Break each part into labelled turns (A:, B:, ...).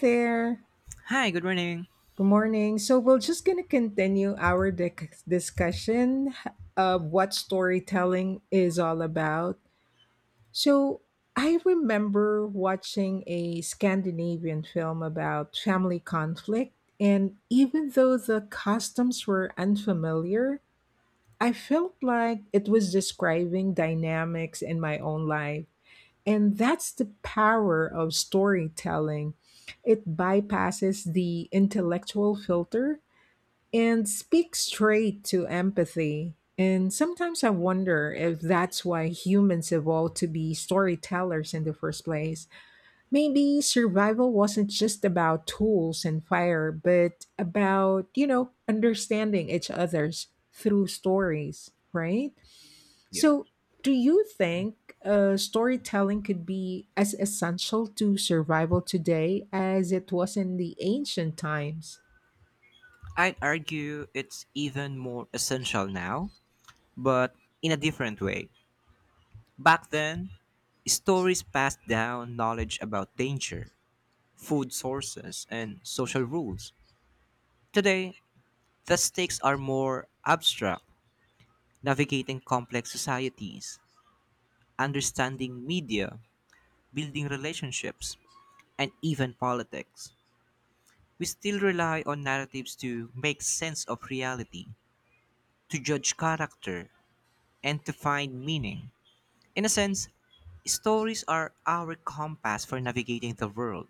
A: There.
B: Hi, good morning.
A: Good morning. So we're just going to continue our discussion of what storytelling is all about. So I remember watching a Scandinavian film about family conflict, and even though the customs were unfamiliar, I felt like it was describing dynamics in my own life. And that's the power of storytelling. It bypasses the intellectual filter and speaks straight to empathy. And sometimes I wonder if that's why humans evolved to be storytellers in the first place. Maybe survival wasn't just about tools and fire, but about, understanding each other's through stories, right? So, do you think storytelling could be as essential to survival today as it was in the ancient times?
B: I'd argue it's even more essential now, but in a different way. Back then, stories passed down knowledge about danger, food sources, and social rules. Today, the stakes are more abstract, navigating complex societies, understanding media, building relationships, and even politics. We still rely on narratives to make sense of reality, to judge character, and to find meaning. In a sense, stories are our compass for navigating the world.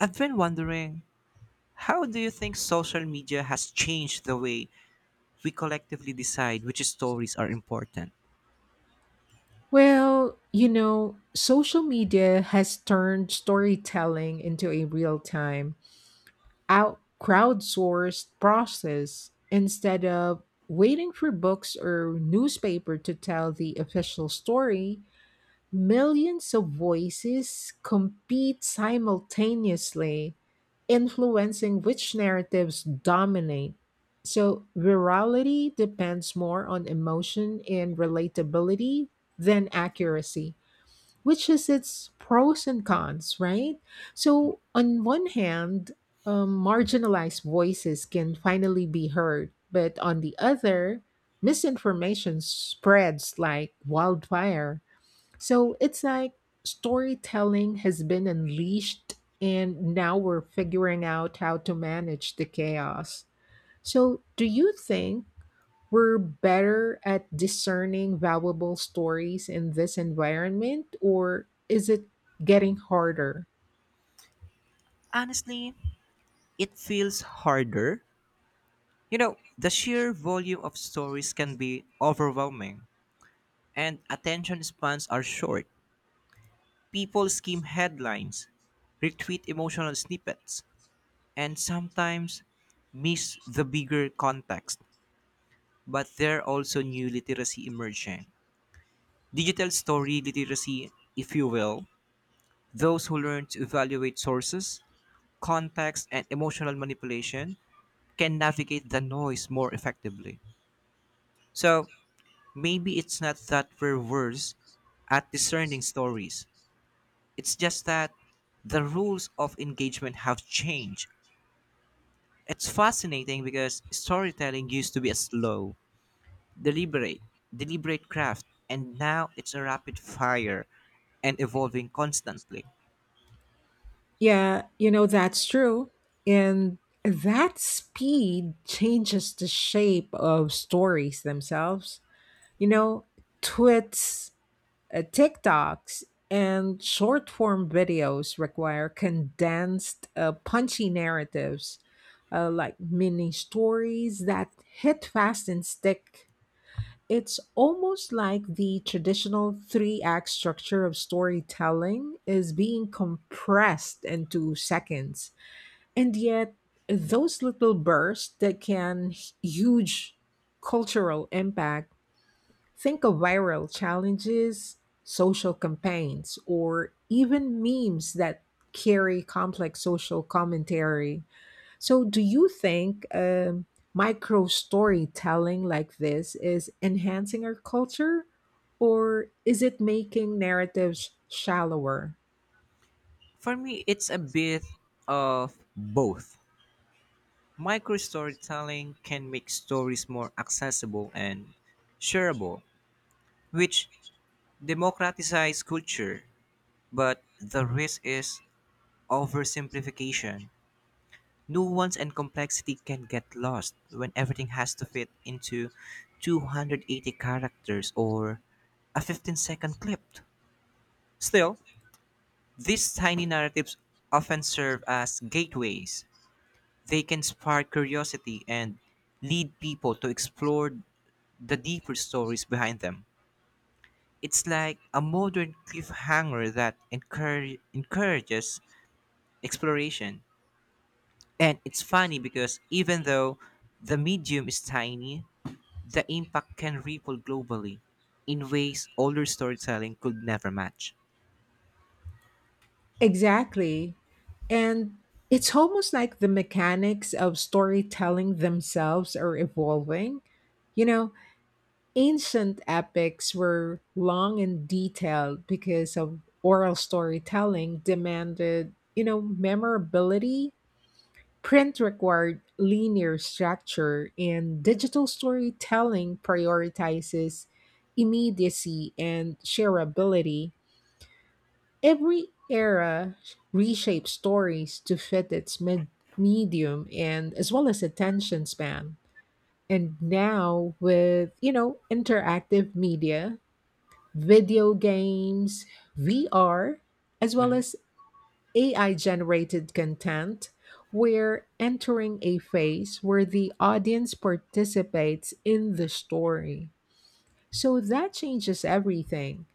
B: I've been wondering, how do you think social media has changed the way we collectively decide which stories are important?
A: Well, you know, social media has turned storytelling into a real time, out crowdsourced process instead of waiting for books or newspaper to tell the official story. Millions of voices compete simultaneously, influencing which narratives dominate. So, virality depends more on emotion and relatability than accuracy, which is its pros and cons, right? So, on one hand, marginalized voices can finally be heard, but on the other, misinformation spreads like wildfire. So it's like storytelling has been unleashed, and now we're figuring out how to manage the chaos. So, do you think we're better at discerning valuable stories in this environment, or is it getting harder?
B: Honestly, it feels harder. You know, the sheer volume of stories can be overwhelming, and attention spans are short. People skim headlines, retweet emotional snippets, and sometimes miss the bigger context, but there are also new literacy emerging. Digital story literacy, if you will, those who learn to evaluate sources, context, and emotional manipulation can navigate the noise more effectively. So maybe it's not that we're worse at discerning stories, it's just that the rules of engagement have changed. It's fascinating because storytelling used to be a slow, deliberate, deliberate craft, and now it's a rapid fire and evolving constantly.
A: Yeah, you know, that's true. And that speed changes the shape of stories themselves. You know, twits TikToks and short form videos require condensed, punchy narratives, like mini stories that hit fast and stick. It's almost like the traditional three act structure of storytelling is being compressed into seconds. And yet, those little bursts that can huge cultural impact. Think of viral challenges, social campaigns, or even memes that carry complex social commentary. So, do you think micro storytelling like this is enhancing our culture, or is it making narratives shallower?
B: For me, it's a bit of both. Micro storytelling can make stories more accessible and shareable, which democratizes culture, but the risk is oversimplification. Nuance and complexity can get lost when everything has to fit into 280 characters or a 15-second clip. Still, these tiny narratives often serve as gateways. They can spark curiosity and lead people to explore the deeper stories behind them. It's like a modern cliffhanger that encourages exploration. And it's funny because even though the medium is tiny, the impact can ripple globally in ways older storytelling could never match.
A: Exactly. And it's almost like the mechanics of storytelling themselves are evolving. You know, ancient epics were long and detailed because of oral storytelling demanded, memorability. Print required linear structure, and digital storytelling prioritizes immediacy and shareability. Every era reshapes stories to fit its medium and as well as attention span, and now with interactive media, video games, VR, as well
B: Hmm.
A: as AI generated content, we're entering a phase where the audience participates in the story. So that changes everything.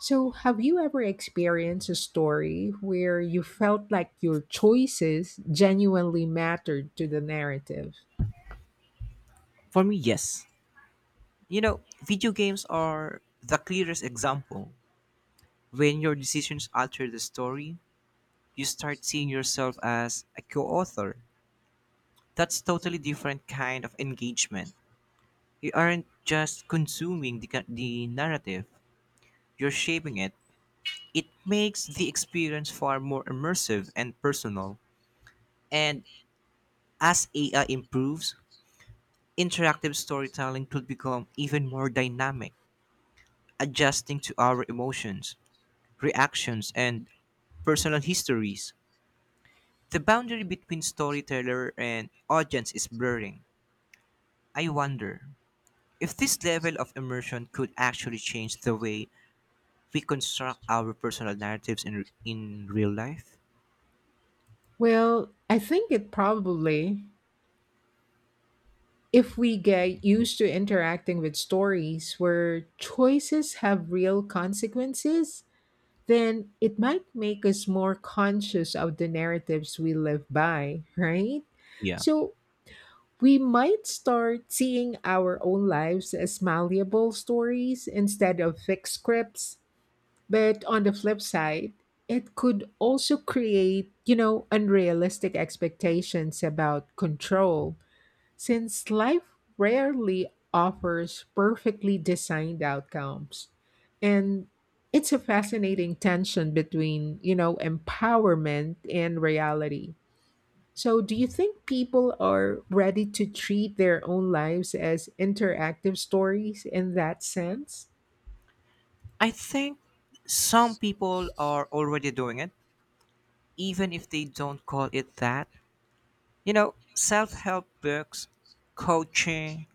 A: So, have you ever experienced a story where you felt like your choices genuinely mattered to the narrative?
B: For me, yes. You know, video games are the clearest example. When your decisions alter the story, you start seeing yourself as a co-author. That's totally different kind of engagement. You aren't just consuming the narrative, you're shaping it. It makes the experience far more immersive and personal. And as AI improves, interactive storytelling could become even more dynamic, adjusting to our emotions, reactions, and personal histories. The boundary between storyteller and audience is blurring. I wonder if this level of immersion could actually change the way we construct our personal narratives in real life.
A: Well, I think it probably. If we get used to interacting with stories where choices have real consequences, then it might make us more conscious of the narratives we live by, right?
B: Yeah.
A: So we might start seeing our own lives as malleable stories instead of fixed scripts. But on the flip side, it could also create, unrealistic expectations about control since life rarely offers perfectly designed outcomes, and it's a fascinating tension between, empowerment and reality. So, do you think people are ready to treat their own lives as interactive stories in that sense?
B: I think some people are already doing it, even if they don't call it that. You know, self help books, coaching,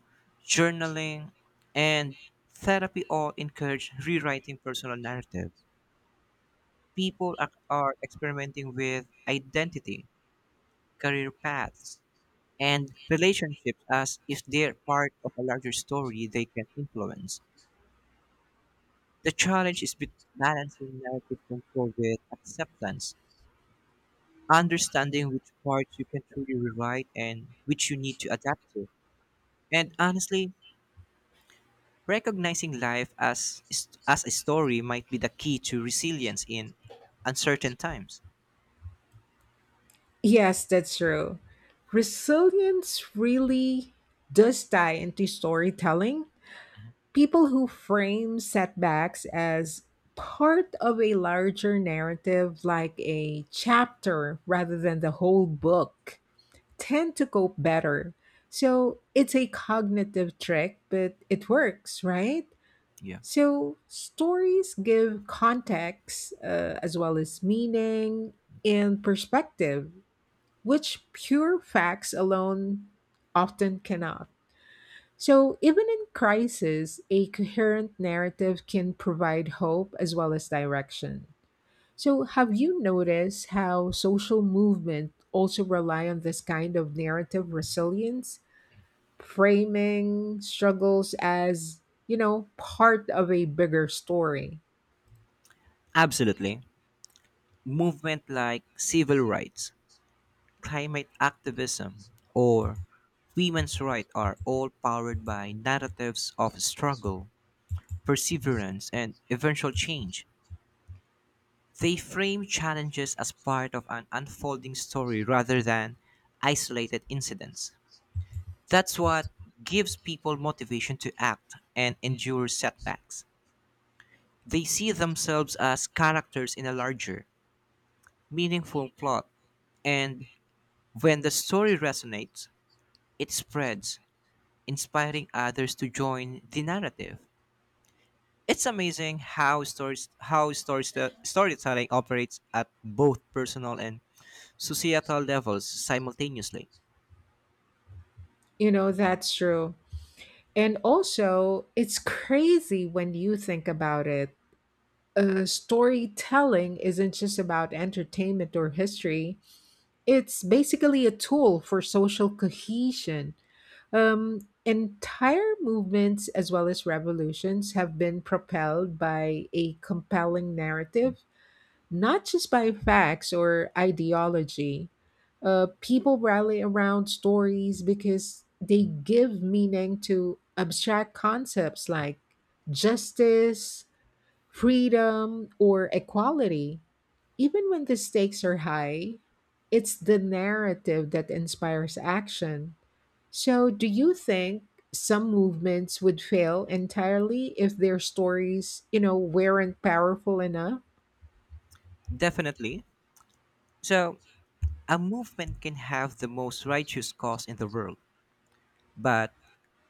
B: journaling, and therapy all encourage rewriting personal narratives. People are experimenting with identity, career paths, and relationships as if they're part of a larger story they can influence. The challenge is balancing narrative control with acceptance, understanding which parts you can truly rewrite and which you need to adapt to. And honestly, recognizing life as a story might be the key to resilience in uncertain times.
A: Yes, that's true. Resilience really does tie into storytelling. People who frame setbacks as part of a larger narrative, like a chapter rather than the whole book, tend to cope better. So it's a cognitive trick, but it works, right?
B: Yeah.
A: So stories give context as well as meaning and perspective, which pure facts alone often cannot. So, even in crisis, a coherent narrative can provide hope as well as direction. So, have you noticed how social movement also rely on this kind of narrative resilience, framing struggles as, part of a bigger story?
B: Absolutely. Movement like civil rights, climate activism, or women's rights are all powered by narratives of struggle, perseverance, and eventual change. They frame challenges as part of an unfolding story rather than isolated incidents. That's what gives people motivation to act and endure setbacks. They see themselves as characters in a larger, meaningful plot, and when the story resonates, it spreads, inspiring others to join the narrative. It's amazing how stories storytelling operates at both personal and societal levels simultaneously.
A: You know, that's true. And also, it's crazy when you think about it. Storytelling isn't just about entertainment or history. It's basically a tool for social cohesion. Entire movements as well as revolutions have been propelled by a compelling narrative, not just by facts or ideology. People rally around stories because they give meaning to abstract concepts like justice, freedom, or equality. Even when the stakes are high, it's the narrative that inspires action. So, do you think some movements would fail entirely if their stories, weren't powerful enough?
B: Definitely. So, a movement can have the most righteous cause in the world, but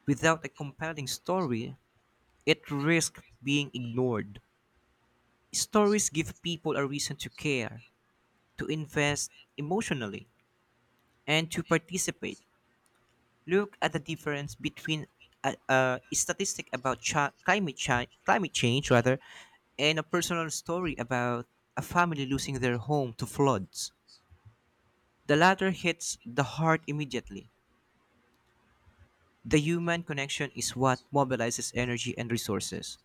B: without a compelling story, it risks being ignored. Stories give people a reason to care, to invest emotionally, and to participate. Look at the difference between a statistic about climate change rather and a personal story about a family losing their home to floods. The latter hits the heart immediately. The human connection is what mobilizes energy and resources.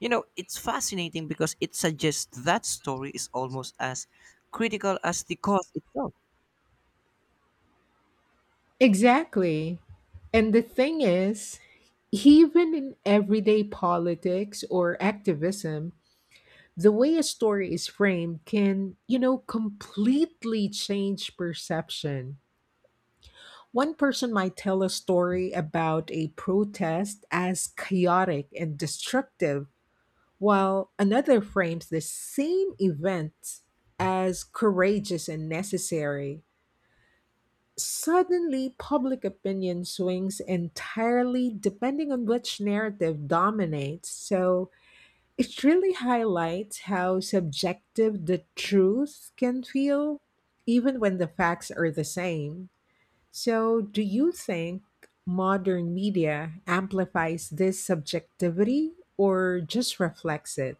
B: You know, it's fascinating because it suggests that story is almost as critical as the cause itself.
A: Exactly. And the thing is, even in everyday politics or activism, the way a story is framed can, completely change perception. One person might tell a story about a protest as chaotic and destructive, while another frames the same event as courageous and necessary. Suddenly, public opinion swings entirely depending on which narrative dominates, so it really highlights how subjective the truth can feel, even when the facts are the same. So, do you think modern media amplifies this subjectivity or just reflects it?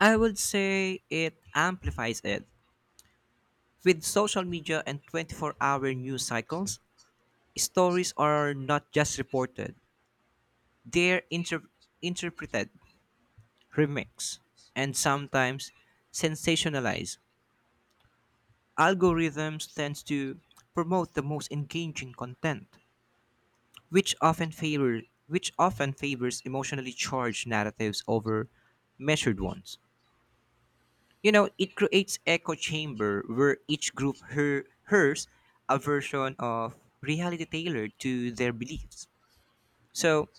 B: I would say it amplifies it. With social media and 24-hour news cycles, stories are not just reported, they're interpreted, remixed, and sometimes sensationalized. Algorithms tend to promote the most engaging content, which often favor which often favors emotionally charged narratives over measured ones. You know, it creates echo chamber where each group hears a version of reality tailored to their beliefs. So,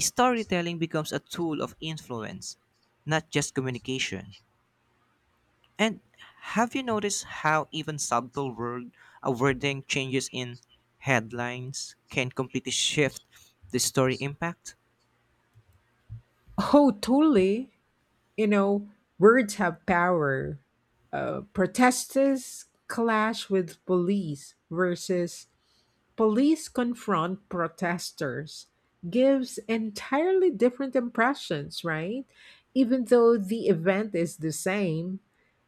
B: storytelling becomes a tool of influence, not just communication. And have you noticed how even subtle wording changes in headlines can completely shift the story impact?
A: Oh, totally. You know, words have power. Protesters clash with police versus police confront protesters gives entirely different impressions, right? Even though the event is the same.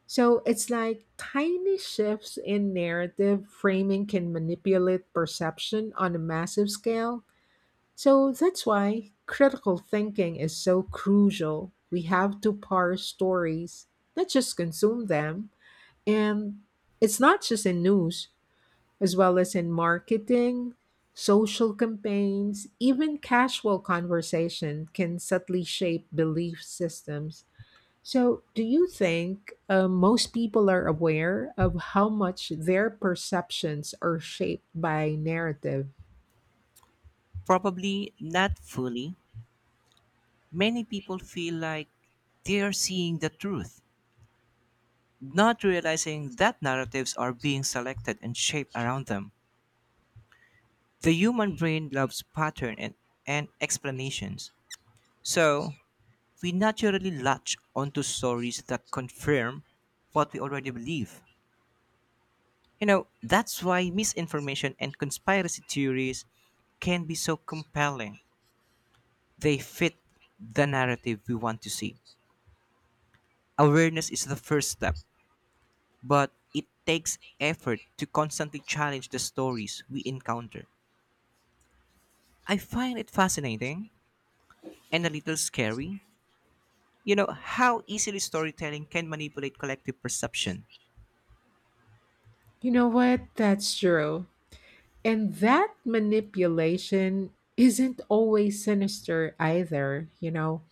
A: So it's like tiny shifts in narrative framing can manipulate perception on a massive scale. So that's why critical thinking is so crucial. We have to parse stories, not just consume them. And it's not just in news, as well as in marketing, social campaigns, even casual conversation can subtly shape belief systems. So, do you think most people are aware of how much their perceptions are shaped by narrative?
B: Probably not fully. Many people feel like they're seeing the truth, not realizing that narratives are being selected and shaped around them. The human brain loves pattern and explanations. So, we naturally latch onto stories that confirm what we already believe. You know, that's why misinformation and conspiracy theories can be so compelling. They fit the narrative we want to see. Awareness is the first step, but it takes effort to constantly challenge the stories we encounter. I find it fascinating and a little scary, you know, how easily storytelling can manipulate collective perception.
A: You know what? That's true. And that manipulation isn't always sinister either, you know.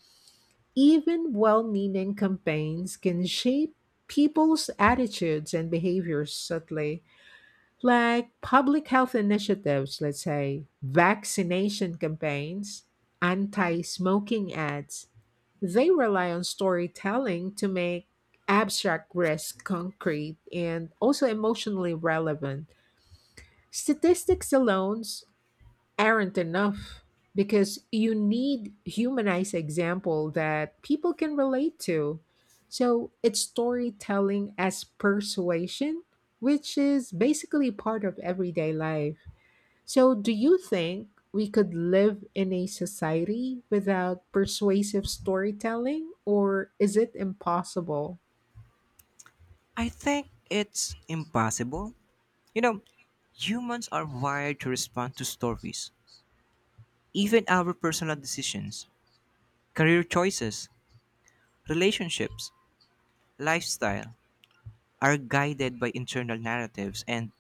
A: Even well meaning campaigns can shape people's attitudes and behaviors subtly. Like public health initiatives, let's say vaccination campaigns, anti smoking ads, they rely on storytelling to make abstract risk concrete and also emotionally relevant. Statistics alone aren't enough because you need humanized example that people can relate to. So it's storytelling as persuasion, which is basically part of everyday life. So do you think we could live in a society without persuasive storytelling or is it impossible?
B: I think it's impossible. You know, humans are wired to respond to stories. Even our personal decisions, career choices, relationships, lifestyle are guided by internal narratives and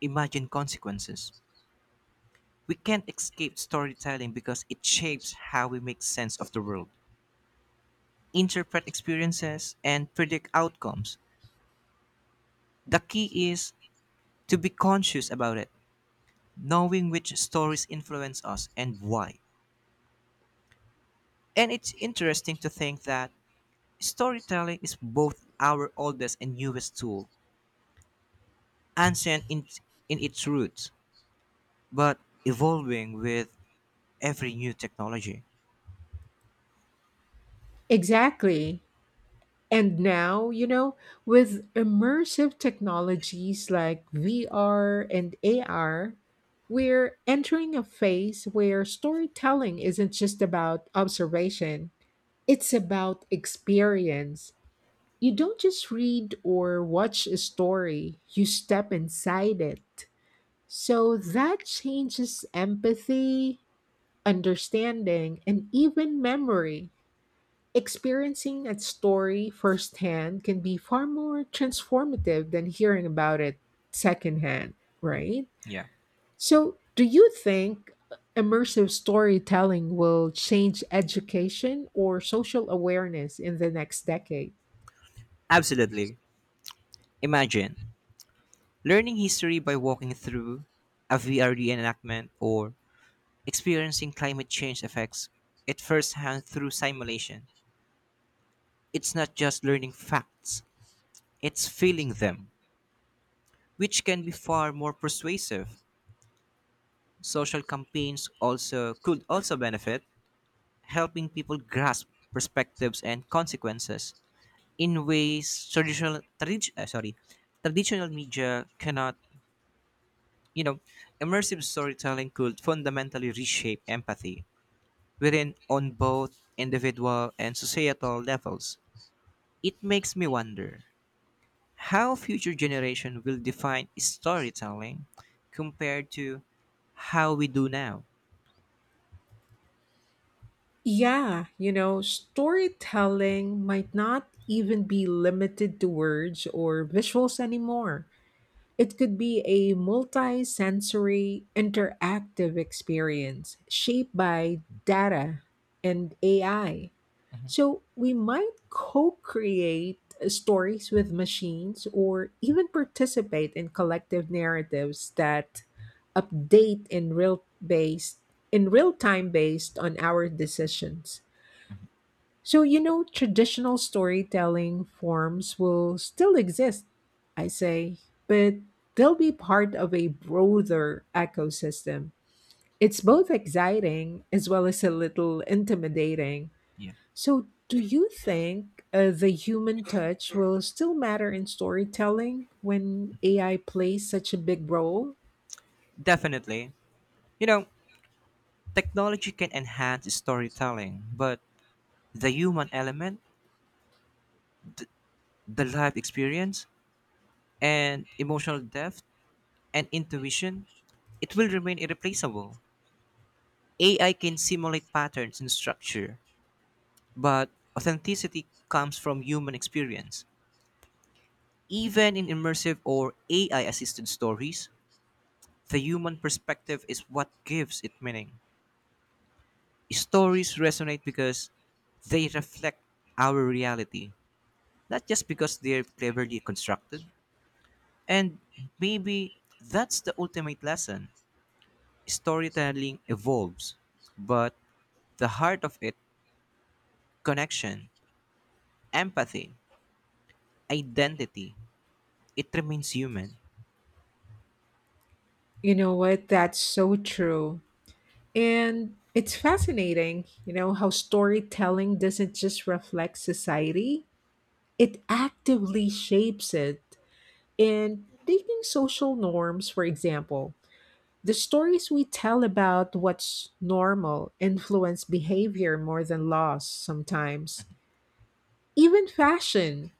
B: imagined consequences. We can't escape storytelling because it shapes how we make sense of the world, interpret experiences, and predict outcomes. The key is to be conscious about it, knowing which stories influence us and why. And it's interesting to think that storytelling is both our oldest and newest tool, ancient in its roots, but evolving with every new technology.
A: Exactly. And now, you know, with immersive technologies like VR and AR, we're entering a phase where storytelling isn't just about observation, it's about experience. You don't just read or watch a story, you step inside it. So that changes empathy, understanding, and even memory. Experiencing a story firsthand can be far more transformative than hearing about it secondhand, right?
B: Yeah,
A: So, do you think immersive storytelling will change education or social awareness in the next decade?
B: absolutely. Imagine learning history by walking through a VR reenactment or experiencing climate change effects at firsthand through simulation. It's not just learning facts, it's feeling them, which can be far more persuasive. Social campaigns also could also benefit, helping people grasp perspectives and consequences in ways traditional media cannot. You know, immersive storytelling could fundamentally reshape empathy within on both individual and societal levels. It makes me wonder how future generation will define storytelling compared to how we do now.
A: Yeah, you know, storytelling might not even be limited to words or visuals anymore. It could be a multi sensory interactive experience shaped by data and AI. So we might co create stories with machines or even participate in collective narratives that update in real based in real time based on our decisions. So, you know, traditional storytelling forms will still exist, I say, but they'll be part of a broader ecosystem. It's both exciting as well as a little intimidating.
B: Yeah.
A: So, do you think the human touch will still matter in storytelling when AI plays such a big role?
B: Definitely. You know, technology can enhance storytelling, but the human element, the life experience, and emotional depth and intuition, it will remain irreplaceable. AI can simulate patterns and structure, but authenticity comes from human experience. Even in immersive or AI assisted stories, the human perspective is what gives it meaning. Stories resonate because they reflect our reality, not just because they're cleverly constructed. And maybe that's the ultimate lesson. Storytelling evolves, but the heart of it, connection, empathy, identity, it remains human.
A: You know what? That's so true. And it's fascinating, you know, how storytelling doesn't just reflect society, it actively shapes it. And taking social norms, for example, the stories we tell about what's normal influence behavior more than laws sometimes. Even fashion,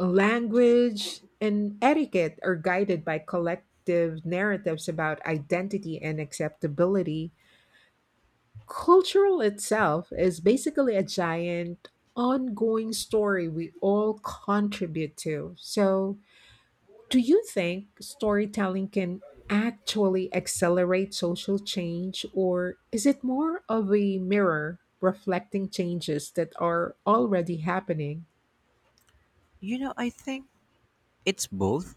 A: language, and etiquette are guided by collective narratives about identity and acceptability. Cultural itself is basically a giant ongoing story we all contribute to. So, do you think storytelling can actually accelerate social change, or is it more of a mirror reflecting changes that are already happening?
B: You know, I think it's both.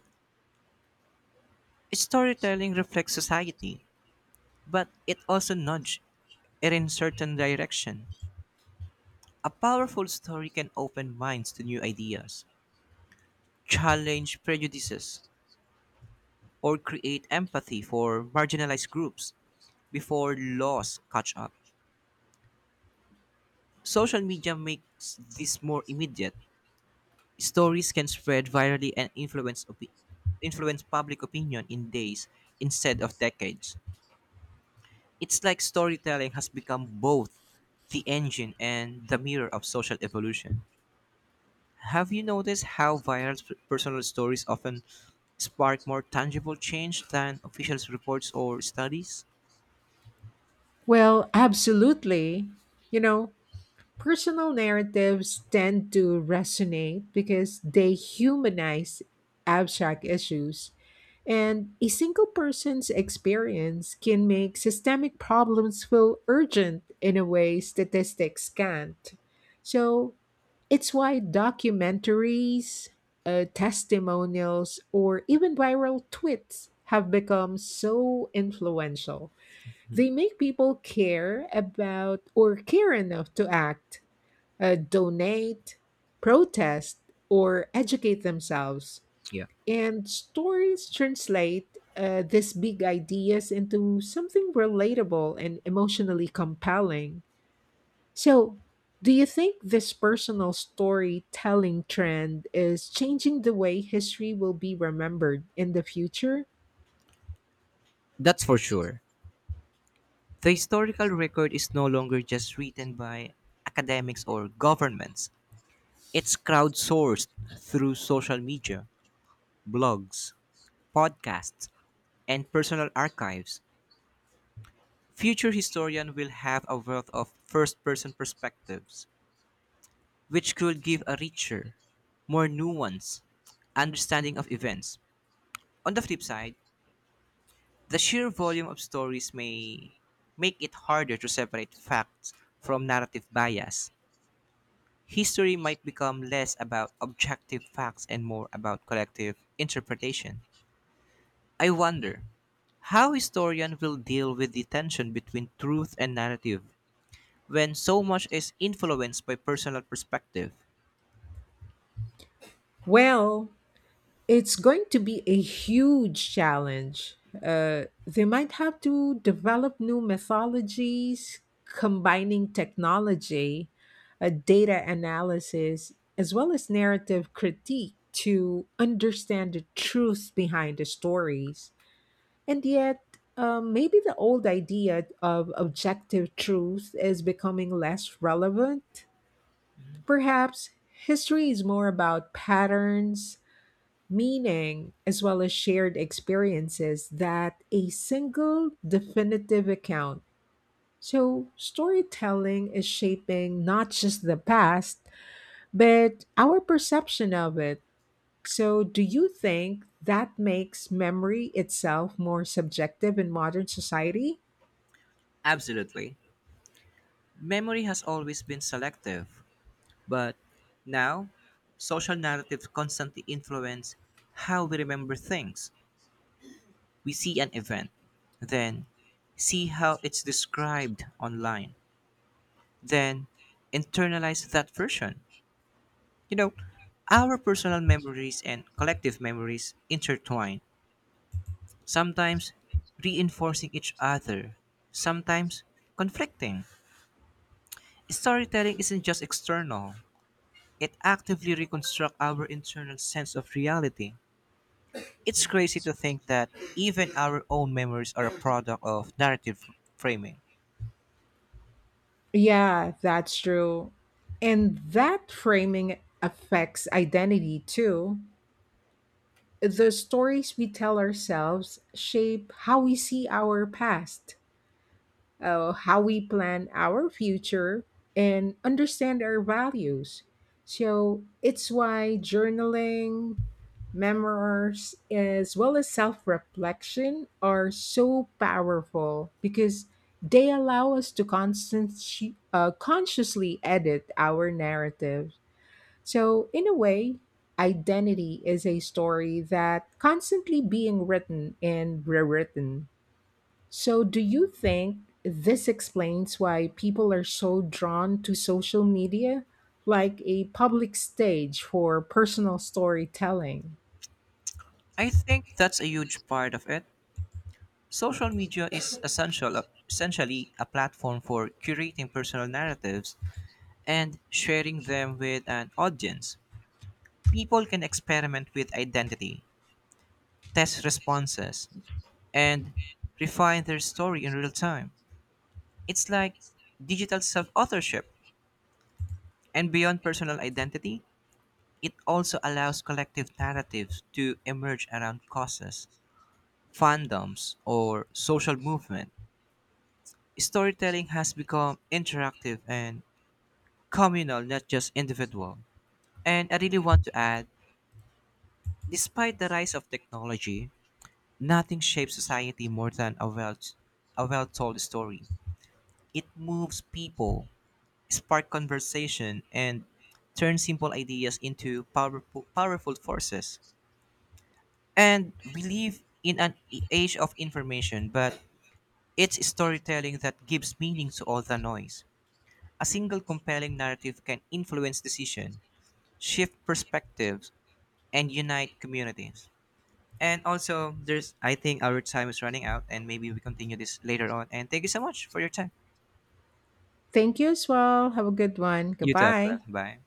B: Storytelling reflects society, but it also nudges it in certain direction. A powerful story can open minds to new ideas, challenge prejudices, or create empathy for marginalized groups before laws catch up. Social media makes this more immediate. Stories can spread virally and influence influence public opinion in days instead of decades. It's like storytelling has become both the engine and the mirror of social evolution. Have you noticed how viral personal stories often spark more tangible change than official reports or studies?
A: Well, absolutely. You know, personal narratives tend to resonate because they humanize abstract issues. And a single person's experience can make systemic problems feel urgent in a way statistics can't. So it's why documentaries, testimonials, or even viral tweets have become so influential. They make people care about or care enough to act, donate, protest, or educate themselves,
B: Yeah,
A: and stories translate these big ideas into something relatable and emotionally compelling. So, do you think this personal storytelling trend is changing the way history will be remembered in the future?
B: that's for sure. The historical record is no longer just written by academics or governments. It's crowdsourced through social media, blogs, podcasts, and personal archives. Future historians will have a wealth of first person perspectives, which could give a richer, more nuanced understanding of events. On the flip side, the sheer volume of stories may make it harder to separate facts from narrative bias. History might become less about objective facts and more about collective interpretation. I wonder how historians will deal with the tension between truth and narrative when so much is influenced by personal perspective.
A: Well, it's going to be a huge challenge. They might have to develop new methodologies, combining technology, data analysis, as well as narrative critique to understand the truth behind the stories. And yet, maybe the old idea of objective truth is becoming less relevant. Perhaps history is more about patterns, meaning, as well as shared experiences that a single definitive account. So, storytelling is shaping not just the past, but our perception of it. So, do you think that makes memory itself more subjective in modern society?
B: Absolutely. Memory has always been selective, but now social narratives constantly influence how we remember things. We see an event, then see how it's described online, then internalize that version. You know, our personal memories and collective memories intertwine, sometimes reinforcing each other, sometimes conflicting. Storytelling isn't just external, it actively reconstructs our internal sense of reality. It's crazy to think that even our own memories are a product of narrative framing.
A: Yeah, that's true. And that framing affects identity too. The stories we tell ourselves shape how we see our past, how we plan our future, and understand our values. So it's why journaling, memoirs, as well as self reflection are so powerful because they allow us to consciously edit our narrative. So, in a way, identity is a story that constantly being written and rewritten. So, do you think this explains why people are so drawn to social media, like a public stage for personal storytelling?
B: I think that's a huge part of it. Social media is essential, essentially a platform for curating personal narratives and sharing them with an audience. People can experiment with identity, test responses, and refine their story in real time. It's like digital self authorship. And beyond personal identity, it also allows collective narratives to emerge around causes, fandoms, or social movement. Storytelling has become interactive and communal, not just individual. And I really want to add, despite the rise of technology, nothing shapes society more than a well told story. It moves people, spark conversation, and turn simple ideas into powerful forces. And we live in an age of information, but it's storytelling that gives meaning to all the noise. A single compelling narrative can influence decision, shift perspectives, and unite communities. And also, there's I think our time is running out, and maybe we continue this later on. And thank you so much for your time.
A: Thank you as well. Have a good one.
B: You too as well.
A: Goodbye.
B: Bye.